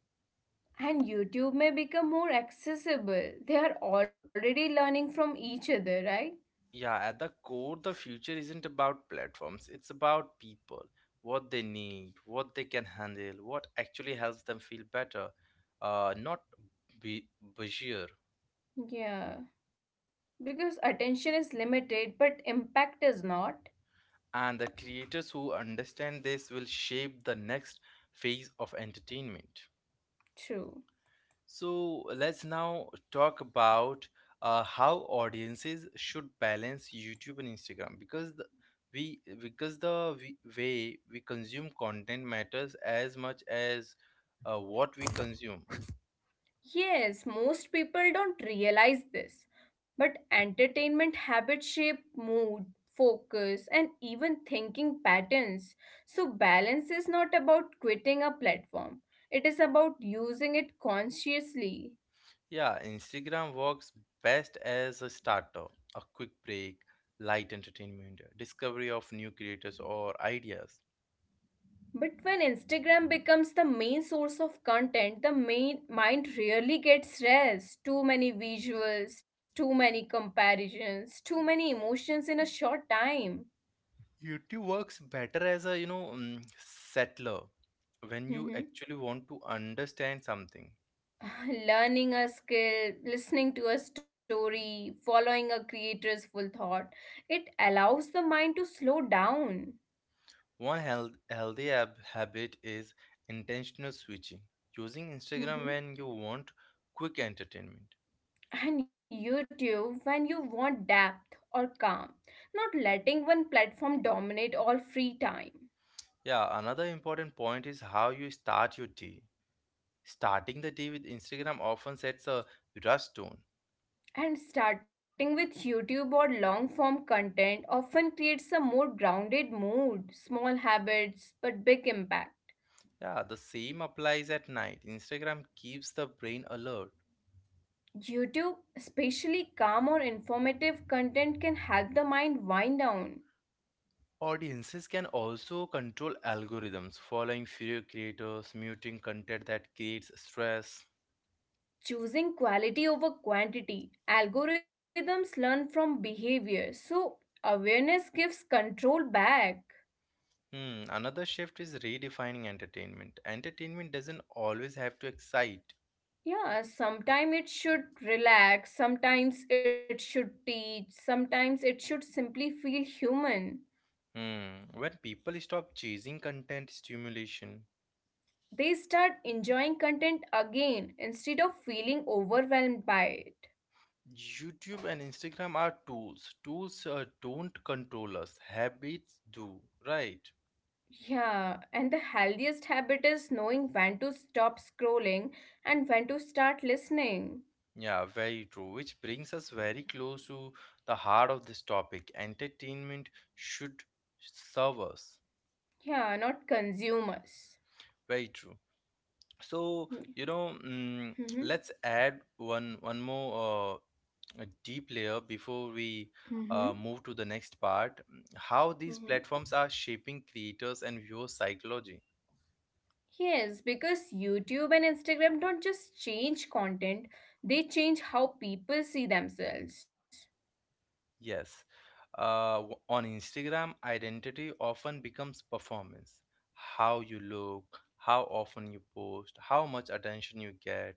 B: And YouTube may become more accessible. They are already learning from each other, right?
A: Yeah, at the core, the future isn't about platforms, it's about people. What they need, what they can handle, what actually helps them feel better, uh, not be busier.
B: Yeah. Because attention is limited, but impact is not.
A: And the creators who understand this will shape the next phase of entertainment.
B: True.
A: So let's now talk about uh, how audiences should balance YouTube and Instagram, because the, we because the we, way we consume content matters as much as uh, what we consume.
B: Yes, most people don't realize this, but entertainment habits shape mood, focus, and even thinking patterns. So, balance is not about quitting a platform, it is about using it consciously.
A: Yeah, Instagram works best as a starter, a quick break, light entertainment, discovery of new creators or ideas.
B: But when Instagram becomes the main source of content, the main mind really gets stressed. Too many visuals, too many comparisons, too many emotions in a short time.
A: YouTube works better as a, you know, mm, settler, when you
B: Mhm.
A: actually want to understand something.
B: Learning a skill, listening to a story, following a creator's full thought, it allows the mind to slow down.
A: One health, healthy ab- habit is intentional switching, using Instagram
B: Mhm.
A: when you want quick entertainment.
B: And YouTube, when you want depth or calm, not letting one platform dominate all free time.
A: Yeah, another important point is how you start your day. Starting the day with Instagram often sets a rush tone.
B: And starting with YouTube or long form content often creates a more grounded mood, small habits, but big impact.
A: Yeah, the same applies at night. Instagram keeps the brain alert.
B: YouTube, especially calm or informative content, can help the mind wind down.
A: Audiences can also control algorithms, following fewer creators, muting content that creates stress.
B: Choosing quality over quantity, algorithms learn from behavior, so awareness gives control back.
A: Hmm, another shift is redefining entertainment. Entertainment doesn't always have to excite.
B: Yeah, sometimes it should relax, sometimes it should teach, sometimes it should simply feel human.
A: Hmm, when people stop chasing content stimulation,
B: They start enjoying content again instead of feeling overwhelmed by it.
A: YouTube and Instagram are tools. Tools uh, don't control us, habits do, right?
B: Yeah, and the healthiest habit is knowing when to stop scrolling and when to start listening.
A: Yeah, very true. Which brings us very close to the heart of this topic. Entertainment should serve us.
B: Yeah, not consumers.
A: Very true. So,
B: Mm-hmm.
A: you know, mm, let's add one one more uh, a deep layer before we
B: Mm-hmm.
A: uh, move to the next part. Mm, how
B: Mm-hmm.
A: these platforms are shaping creators and viewers psychology.
B: Yes, because YouTube and Instagram don't just change content, they change how people see themselves.
A: Yes, uh, w- on instagram, identity often becomes performance. How you look, how often you post, how much attention you get.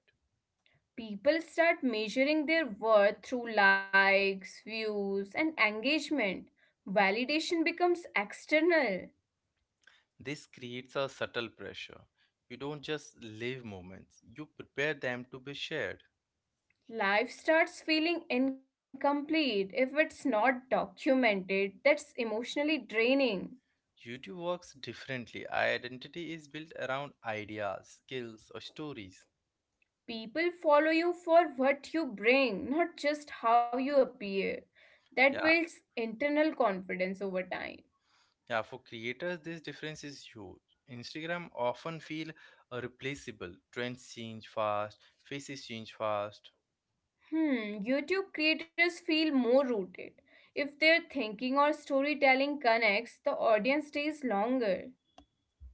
B: People start measuring their worth through likes, views, and engagement. Validation becomes external.
A: This creates a subtle pressure. You don't just live moments, you prepare them to be shared.
B: Life starts feeling incomplete if it's not documented. That's emotionally draining.
A: YouTube works differently. Identity is built around ideas, skills, or stories.
B: People follow you for what you bring, not just how you appear. That
A: Yeah,
B: builds internal confidence over time.
A: yeah. For creators, this difference is huge. Instagram often feel uh, replaceable. Trends change fast, faces change fast.
B: Hmm, YouTube creators feel more rooted. If their thinking or storytelling connects, the audience stays longer.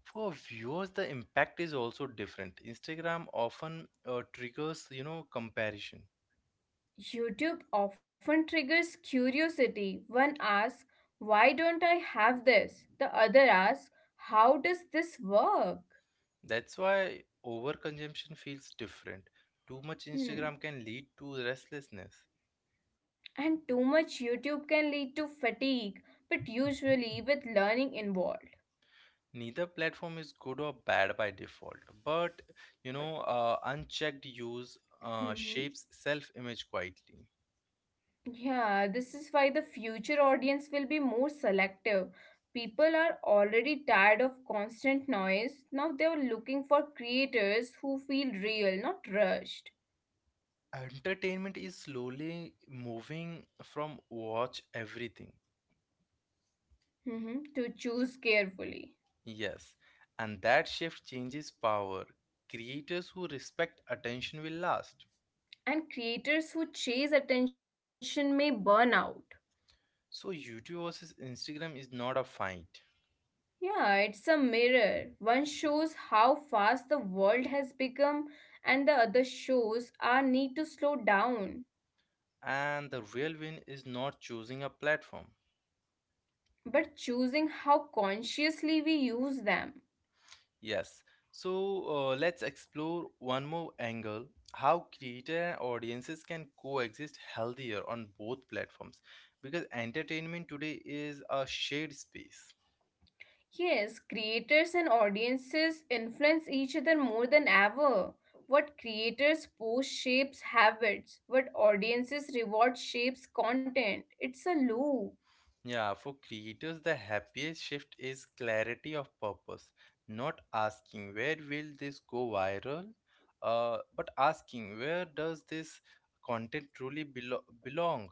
A: For viewers, the impact is also different. Instagram often uh, triggers, you know, comparison.
B: YouTube often triggers curiosity. One asks, why don't I have this? The other asks, how does this work?
A: That's why overconsumption feels different. Too much Instagram
B: Hmm,
A: can lead to restlessness.
B: and too much YouTube can lead to fatigue, but usually with learning involved.
A: Neither platform is good or bad by default, but, you know,
B: But,
A: uh, unchecked use uh,
B: mhm.
A: shapes self-image quietly.
B: Yeah, this is why the future audience will be more selective. People are already tired of constant noise. Now they are looking for creators who feel real, not rushed.
A: Entertainment is slowly moving from watch everything.
B: Mhm, to choose carefully.
A: Yes, and that shift changes power. Creators who respect attention will last.
B: And creators who chase attention may burn out.
A: So youtube versus instagram is not a fight.
B: Yeah, it's a mirror. One shows how fast the world has become, and the other shows our need to slow down,
A: And the real win is not choosing a platform.
B: but choosing how consciously we use them.
A: Yes. So uh, let's explore one more angle, how creator and audiences can coexist healthier on both platforms, because entertainment today is a shared space.
B: Yes, creators and audiences influence each other more than ever. What creators post shapes habits, what audiences reward shapes content. It's a loop.
A: Yeah, for creators, the happiest shift is clarity of purpose, not asking where will this go viral, uh, but asking where does this content truly belo- belong.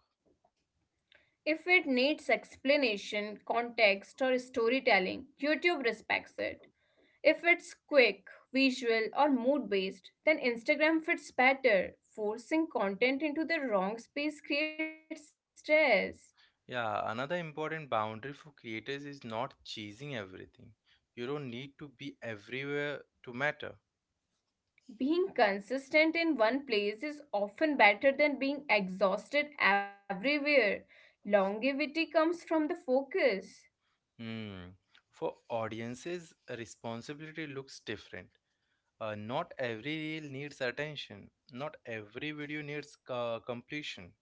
B: If it needs explanation, context, or storytelling, YouTube respects it. If it's quick, visual, or mood based, then Instagram fits better. Forcing content into the wrong space creates stress.
A: Yeah, another important boundary for creators is not chasing everything. You don't need to be everywhere to matter.
B: Being consistent in one place is often better than being exhausted everywhere. Longevity comes from the focus.
A: Hmm. For audiences, responsibility looks different. Uh, not every reel needs attention. Not every video needs uh, completion.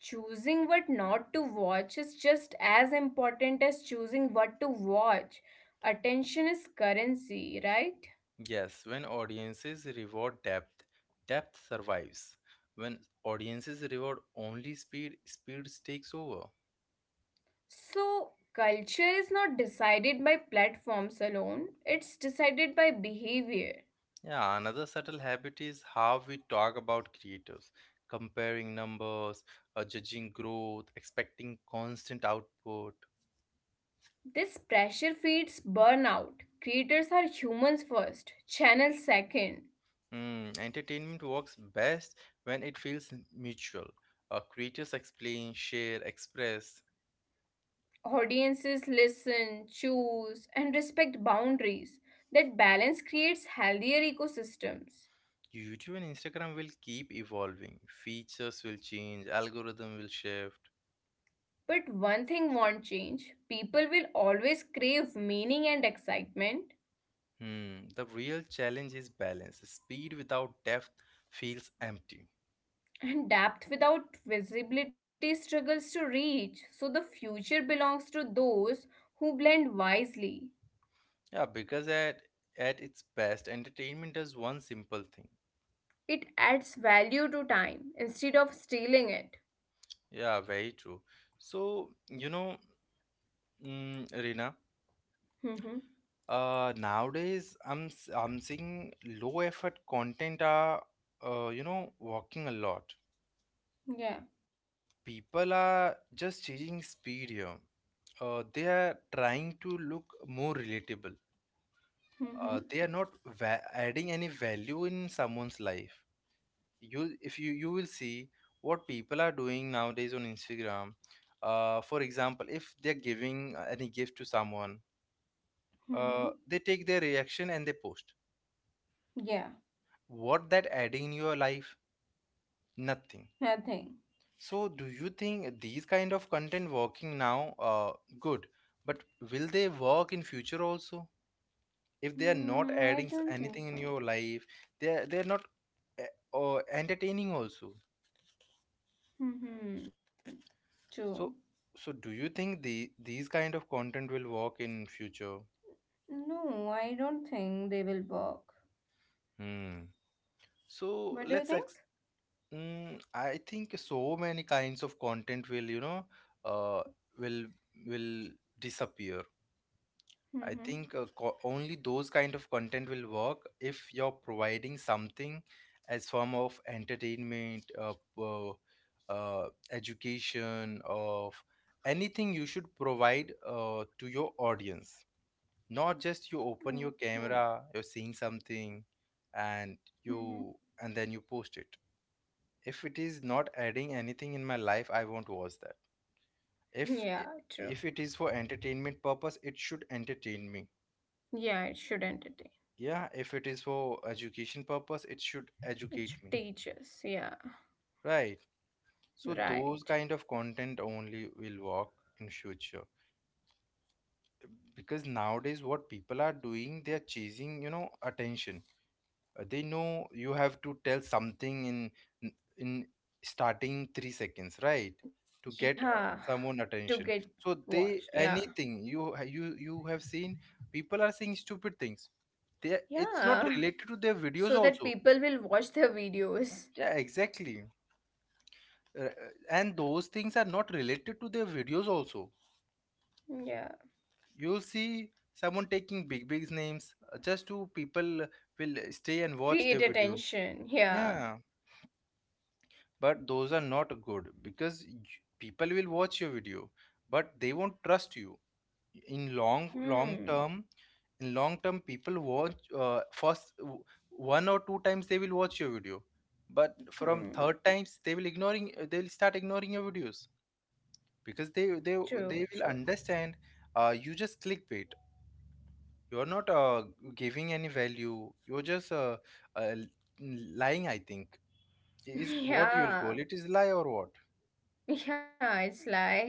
B: Choosing what not to watch is just as important as choosing what to watch. Attention is currency, right?
A: Yes, when audiences reward depth, depth survives. When audiences reward only speed, speed takes over.
B: So, culture is not decided by platforms alone, it's decided by behavior.
A: Yeah, another subtle habit is how we talk about creators, comparing numbers, uh, judging growth, expecting constant output.
B: This pressure feeds burnout. Creators are humans first, channels second.
A: Hmm, entertainment works best when it feels mutual. Uh, creators explain, share, express.
B: Audiences listen, choose, and respect boundaries. That balance creates healthier ecosystems.
A: YouTube and Instagram will keep evolving. Features will change, algorithm will shift.
B: But one thing won't change, people will always crave meaning and excitement,
A: Hmm, the real challenge is balance. Speed without depth feels empty.
B: and depth without visibility struggles to reach. So the future belongs to those who blend wisely.
A: Yeah, because at at its best, entertainment does one simple thing.
B: It adds value to time instead of stealing it.
A: Yeah, very true. So, you know, mm, Reena,
B: Mm-hmm.
A: uh, nowadays I'm s- I'm seeing low effort content are, uh, you know, working a lot.
B: Yeah.
A: People are just chasing speed here. Uh, they are trying to look more relatable.
B: Mm-hmm.
A: Uh, they are not va adding any value in someone's life. You if you you will see what people are doing nowadays on instagram, uh, for example, if they're giving uh, any gift to someone, uh,
B: Mm-hmm.
A: they take their reaction and they post.
B: Yeah.
A: What that adding in your life? Nothing.
B: Nothing.
A: So do you think these kind of content working now, uh, good, but will they work in future also? If they are
B: Mm, I
A: not
B: don't
A: adding s-
B: think so.
A: anything in your life, they're they're not uh, uh, entertaining also.
B: Hmm. True.
A: So, so do you think the these kind of content will work in future?
B: No, I don't think they will balk.
A: Hmm.
B: What do
A: So
B: you think?
A: let's ex- mm, I think so many kinds of content will, you know, uh will will disappear.
B: Hmm.
A: I think uh, co- only those kind of content will work if you're providing something as form of entertainment, uh, uh, uh, education, of anything. You should provide uh, to your audience, not just you open your
B: Okay.
A: camera, you're seeing something, and
B: Hmm.
A: you and then you post it. If it is not adding anything in my life, I won't watch that.
B: Yeah.
A: If
B: True.
A: if it is for entertainment purpose, it should entertain me.
B: Yeah. It should entertain.
A: Yeah, if it is for education purpose, it should
B: It should
A: educate me.
B: teach us. Yeah.
A: Right. So
B: Right.
A: those kind of content only will work in future because nowadays what people are doing, they are chasing, you know, attention. Uh, they know you have to tell something in in starting three seconds, right, to
B: Yeah.
A: get uh,
B: To
A: someone
B: get
A: attention. So
B: watched.
A: they,
B: Yeah.
A: anything you you you have seen, people are saying stupid things, they, it's not
B: Yeah.
A: related to their
B: So
A: videos
B: that
A: also.
B: people will watch their videos.
A: Yeah, exactly. Uh, uh, and those things are not related to their videos also.
B: Yeah.
A: You'll see someone taking big big names, uh, just to people will stay and watch
B: Create
A: their videos.
B: attention. Yeah.
A: Yeah, but those are not good because y- people will watch your video, but they won't trust you in long long
B: Hmm.
A: term. In long term people watch, uh, first w- one or two times they will watch your video, but from
B: Hmm.
A: third times they will ignoring they will start ignoring your videos, because they they
B: True. True.
A: they will understand uh, you just clickbait. You're not uh, giving any value, you're just uh, uh, l- lying, I think, is what you will
B: Yeah.
A: call it, is lie or what.
B: Yeah, it's like,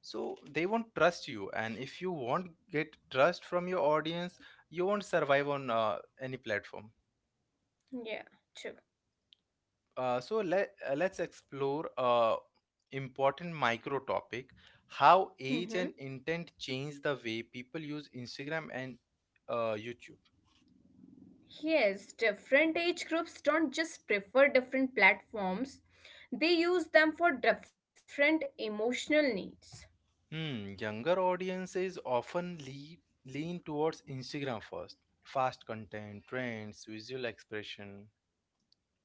A: So they won't trust you, and if you won't get trust from your audience, you won't survive on uh, any platform.
B: yeah, true.
A: Uh, so let, uh, let's explore a important micro topic: how age
B: Mm-hmm.
A: and intent change the way people use Instagram and uh, YouTube.
B: Yes, different age groups don't just prefer different platforms, they use them for different emotional needs.
A: Hmm, younger audiences often lean, lean towards Instagram first: fast content, trends, visual expression.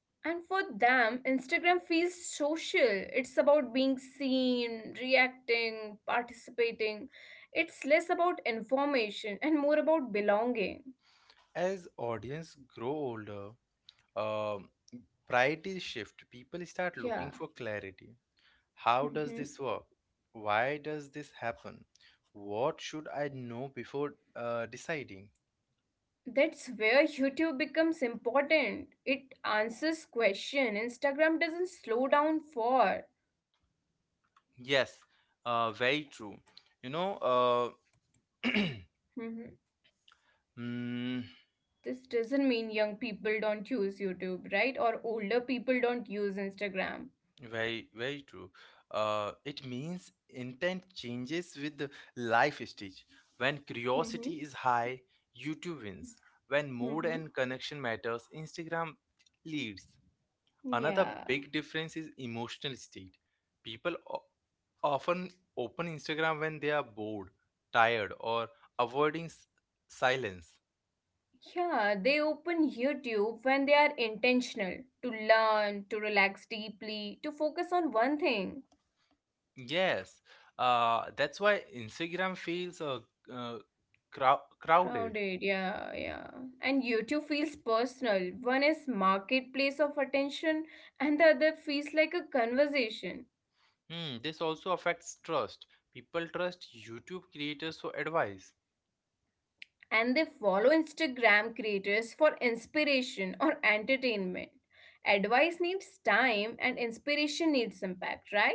B: And for them, Instagram feels social. It's about being seen, reacting, participating. It's less about information and more about belonging.
A: As audience grow older, um priorities shift. People start
B: Yeah.
A: looking for clarity. How does
B: Mm-hmm.
A: this work? Why does this happen? What should I know before uh, deciding?
B: That's where YouTube becomes important. It answers question instagram doesn't slow down for.
A: Yes, uh, very true. You know, uh,
B: Mhm.
A: mm,
B: This doesn't mean young people don't use YouTube, right? Or older people don't use Instagram.
A: Very, very true. Uh, it means intent changes with the life stage. When
B: Mm-hmm.
A: curiosity is high, YouTube wins. When mood
B: Mm-hmm.
A: and connection matters, Instagram leads. Another
B: yeah
A: big difference is emotional state. People o- often open Instagram when they are bored, tired, or avoiding s- silence.
B: yeah, they open YouTube when they are intentional, to learn, to relax deeply, to focus on one thing.
A: Yes, uh, that's why Instagram feels uh, uh, crow- crowded.
B: Crowded, yeah, yeah. And YouTube feels personal. One is marketplace of attention, and the other feels like a conversation.
A: Hmm, this also affects trust. People trust YouTube creators for advice.
B: And they follow Instagram creators for inspiration or entertainment. Advice needs time, and inspiration needs impact, right?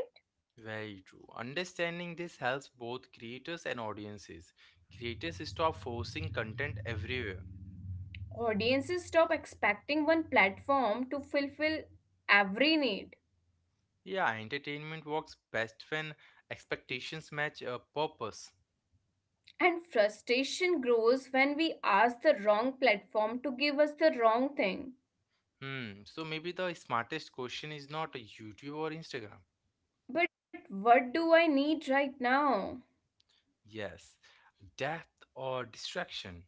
A: Very true. Understanding this helps both creators and audiences. Creators stop forcing content everywhere.
B: Audiences stop expecting one platform to fulfill every need.
A: Yeah, entertainment works best when expectations match a purpose.
B: And frustration grows when we ask the wrong platform to give us the wrong thing.
A: Hmm, so maybe the smartest question is not a YouTube or Instagram.
B: But what do I need right now?
A: Yes, depth or distraction,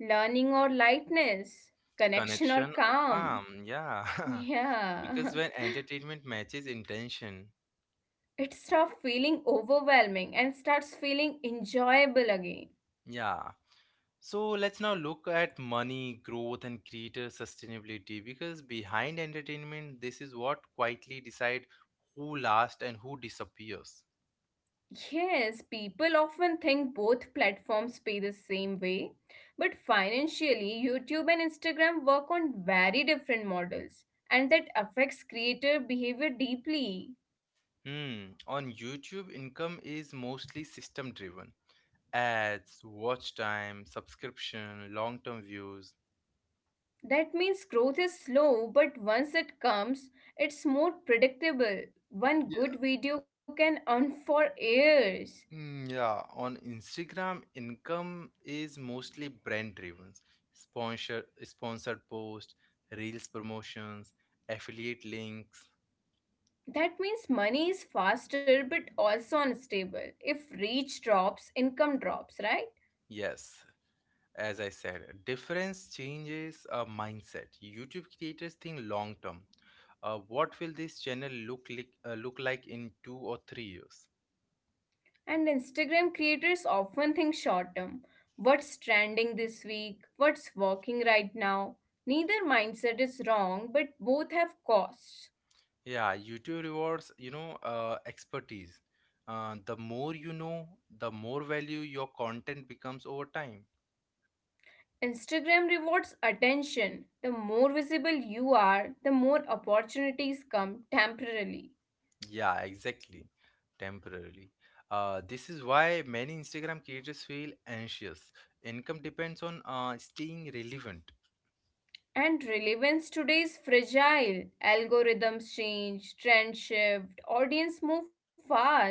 B: Learning or lightness? Connection or
A: connection or
B: calm?
A: calm. Yeah,
B: Yeah.
A: because when entertainment matches intention,
B: It stops feeling overwhelming and starts feeling enjoyable again.
A: yeah. So let's now look at money, growth, and creator sustainability, because behind entertainment, this is what quietly decide who lasts and who disappears.
B: Yes, people often think both platforms pay the same way, but financially, YouTube and Instagram work on very different models, and that affects creator behavior deeply.
A: Hmm. On YouTube, income is mostly system driven: ads, watch time, subscription, long term views.
B: That means growth is slow, but once it comes, it's more predictable. One
A: Yeah.
B: good video can earn for years.
A: Mm, yeah. On Instagram, income is mostly brand driven: Sponsor sponsored posts, reels promotions, affiliate links.
B: That means money is faster but also unstable. If reach drops, income drops, right?
A: Yes. As I said, difference changes a mindset. YouTube creators think long term. Uh, what will this channel look like, uh, look like in two or three years?
B: And Instagram creators often think short term. What's trending this week? What's working right now? Neither mindset is wrong, but both have costs.
A: Yeah, YouTube rewards, you know, uh, expertise. Uh, the more you know, the more value your content becomes over time.
B: Instagram rewards attention. The more visible you are, the more opportunities come temporarily.
A: Yeah, exactly. Temporarily. Uh, this is why many Instagram creators feel anxious. Income depends on uh, staying relevant.
B: And relevance today is fragile. Algorithms change, trend shift, audience move fast.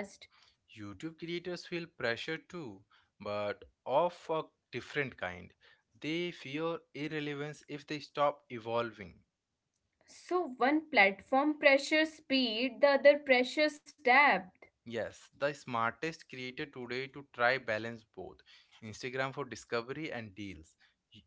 A: YouTube creators feel pressure too, but of a different kind. They fear irrelevance if they stop evolving.
B: So one platform pressures speed, the other pressures depth.
A: Yes, the smartest creator today to try balance both: Instagram for discovery and deals. Y-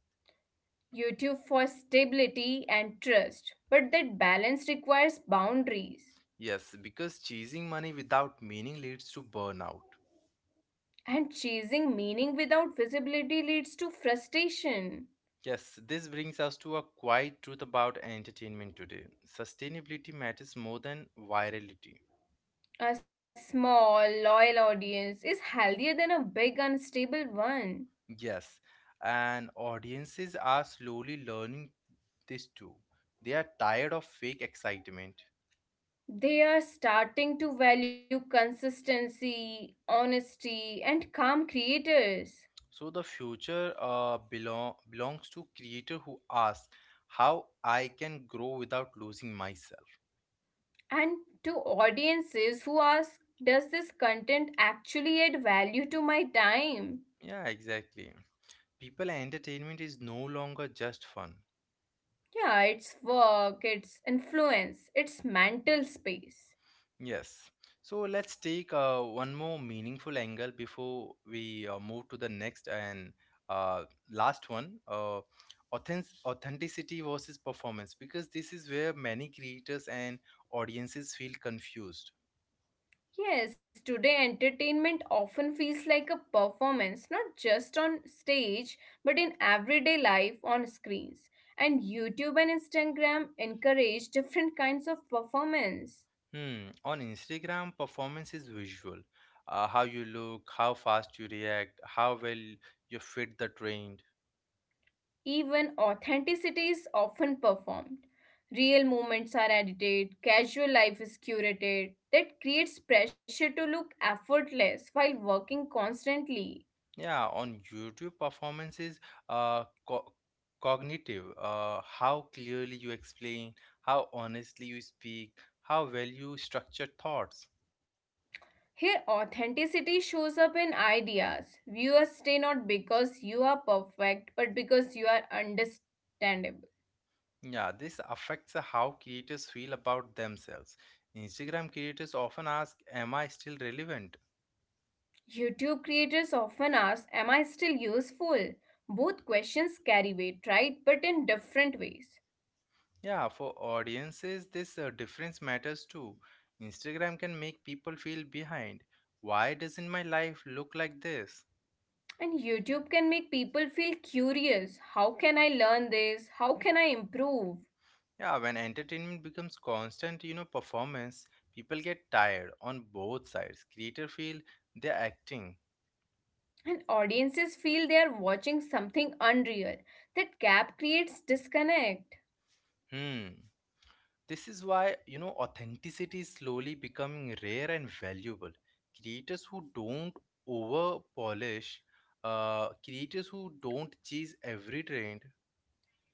B: YouTube for stability and trust. But that balance requires boundaries.
A: Yes, because chasing money without meaning leads to burnout.
B: And chasing meaning without visibility leads to frustration.
A: Yes, this brings us to a quiet truth about entertainment today: sustainability matters more than virality.
B: A small, loyal audience is healthier than a big, unstable one.
A: Yes, and audiences are slowly learning this too. They are tired of fake excitement.
B: They are starting to value consistency, honesty, and calm creators.
A: So the future uh, belong belongs to creator who asks how I can grow without losing myself.
B: And to audiences who ask, does this content actually add value to my time?
A: Yeah, exactly. People and entertainment is no longer just fun.
B: Yeah, it's work, it's influence, it's mental space.
A: Yes. So let's take uh, one more meaningful angle before we uh, move to the next and uh, last one. Uh, authentic- authenticity versus performance, because this is where many creators and audiences feel confused.
B: Yes, today entertainment often feels like a performance, not just on stage, but in everyday life on screens. And YouTube and Instagram encourage different kinds of performance.
A: Hmm. On Instagram, performance is visual. Uh, how you look, how fast you react, how well you fit the trend.
B: Even authenticity is often performed. Real moments are edited, casual life is curated. That creates pressure to look effortless while working constantly.
A: Yeah, on YouTube, performance is uh, co- cognitive. Uh, how clearly you explain, how honestly you speak, how well you structure thoughts.
B: Here, authenticity shows up in ideas. Viewers stay not because you are perfect, but because you are understandable.
A: Yeah, this affects how creators feel about themselves. Instagram creators often ask, "Am I still relevant?"
B: YouTube creators often ask, am I still useful? Both questions carry weight, right? But in different ways.
A: Yeah, for audiences, this uh, difference matters too. Instagram can make people feel behind. Why doesn't my life look like this?
B: And YouTube can make people feel curious, how can I learn this? How can I improve?
A: Yeah, when entertainment becomes constant, you know, performance, people get tired on both sides. Creator feel they're acting.
B: And audiences feel they are watching something unreal. That gap creates disconnect.
A: Hmm. This is why, you know, authenticity is slowly becoming rare and valuable. Creators who don't over polish, uh, creators who don't chase every trend,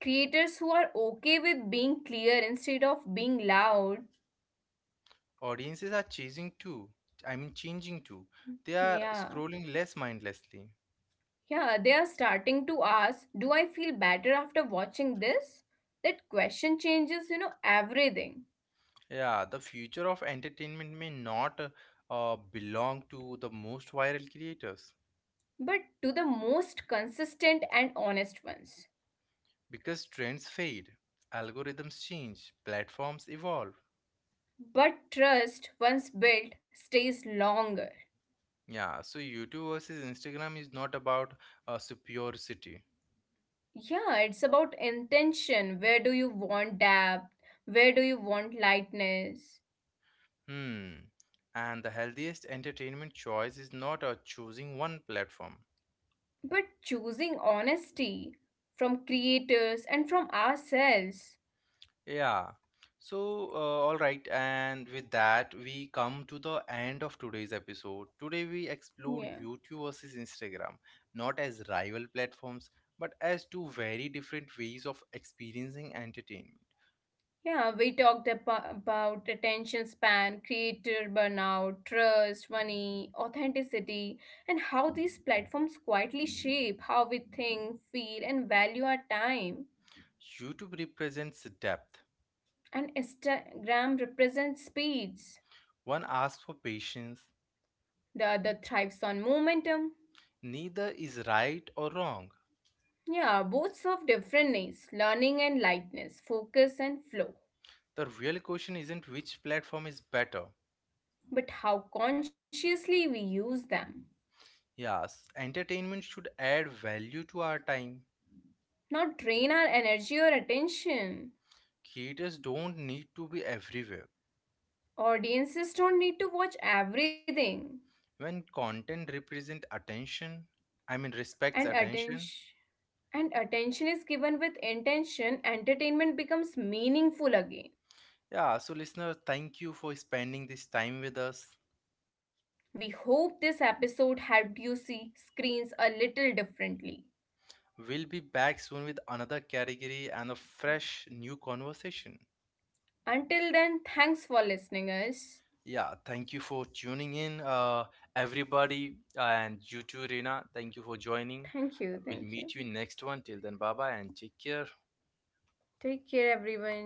B: Creators who are okay with being clear instead of being loud.
A: audiences are chasing too. I mean, changing too. They are
B: Yeah.
A: scrolling less mindlessly.
B: Yeah, they are starting to ask, do I feel better after watching this? That question changes, you know, everything.
A: Yeah, the future of entertainment may not uh, uh, belong to the most viral creators,
B: But to the most consistent and honest ones.
A: because trends fade, algorithms change, platforms evolve.
B: But trust, once built, stays longer.
A: Yeah, so YouTube versus Instagram is not about uh, superiority.
B: Yeah, it's about intention. Where do you want depth? Where do you want lightness?
A: Hmm. And the healthiest entertainment choice is not uh, choosing one platform.
B: But choosing honesty from creators and from ourselves.
A: Yeah. So, uh, all right. And with that, we come to the end of today's episode. Today, we explored
B: Yeah.
A: YouTube versus Instagram, not as rival platforms, but as two very different ways of experiencing entertainment.
B: Yeah, we talked abo- about attention span, creator burnout, trust, money, authenticity, and how these platforms quietly shape how we think, feel, and value our time.
A: YouTube represents depth.
B: And Instagram represents speeds,
A: One asks for patience.
B: the other thrives on momentum.
A: Neither is right or wrong.
B: Yeah, both serve different needs, learning and lightness, focus and flow.
A: The real question isn't which platform is better.
B: But how consciously we use them.
A: Yes, entertainment should add value to our time.
B: Not drain our energy or attention.
A: Creators don't need to be everywhere.
B: Audiences don't need to watch everything.
A: When content represent attention I mean respects
B: And
A: attention,
B: attention and attention is given with intention, entertainment becomes meaningful again.
A: yeah. So listener, thank you for spending this time with us.
B: We hope this episode helped you see screens a little differently.
A: We'll be back soon with another category and a fresh new conversation.
B: Until then, thanks for listening us.
A: Yeah, thank you for tuning in, uh, everybody, and you too Rena, thank you for
B: Thank
A: joining.
B: you, thank you.
A: We'll meet you in next one, till then, bye bye and take care.
B: Take care everyone.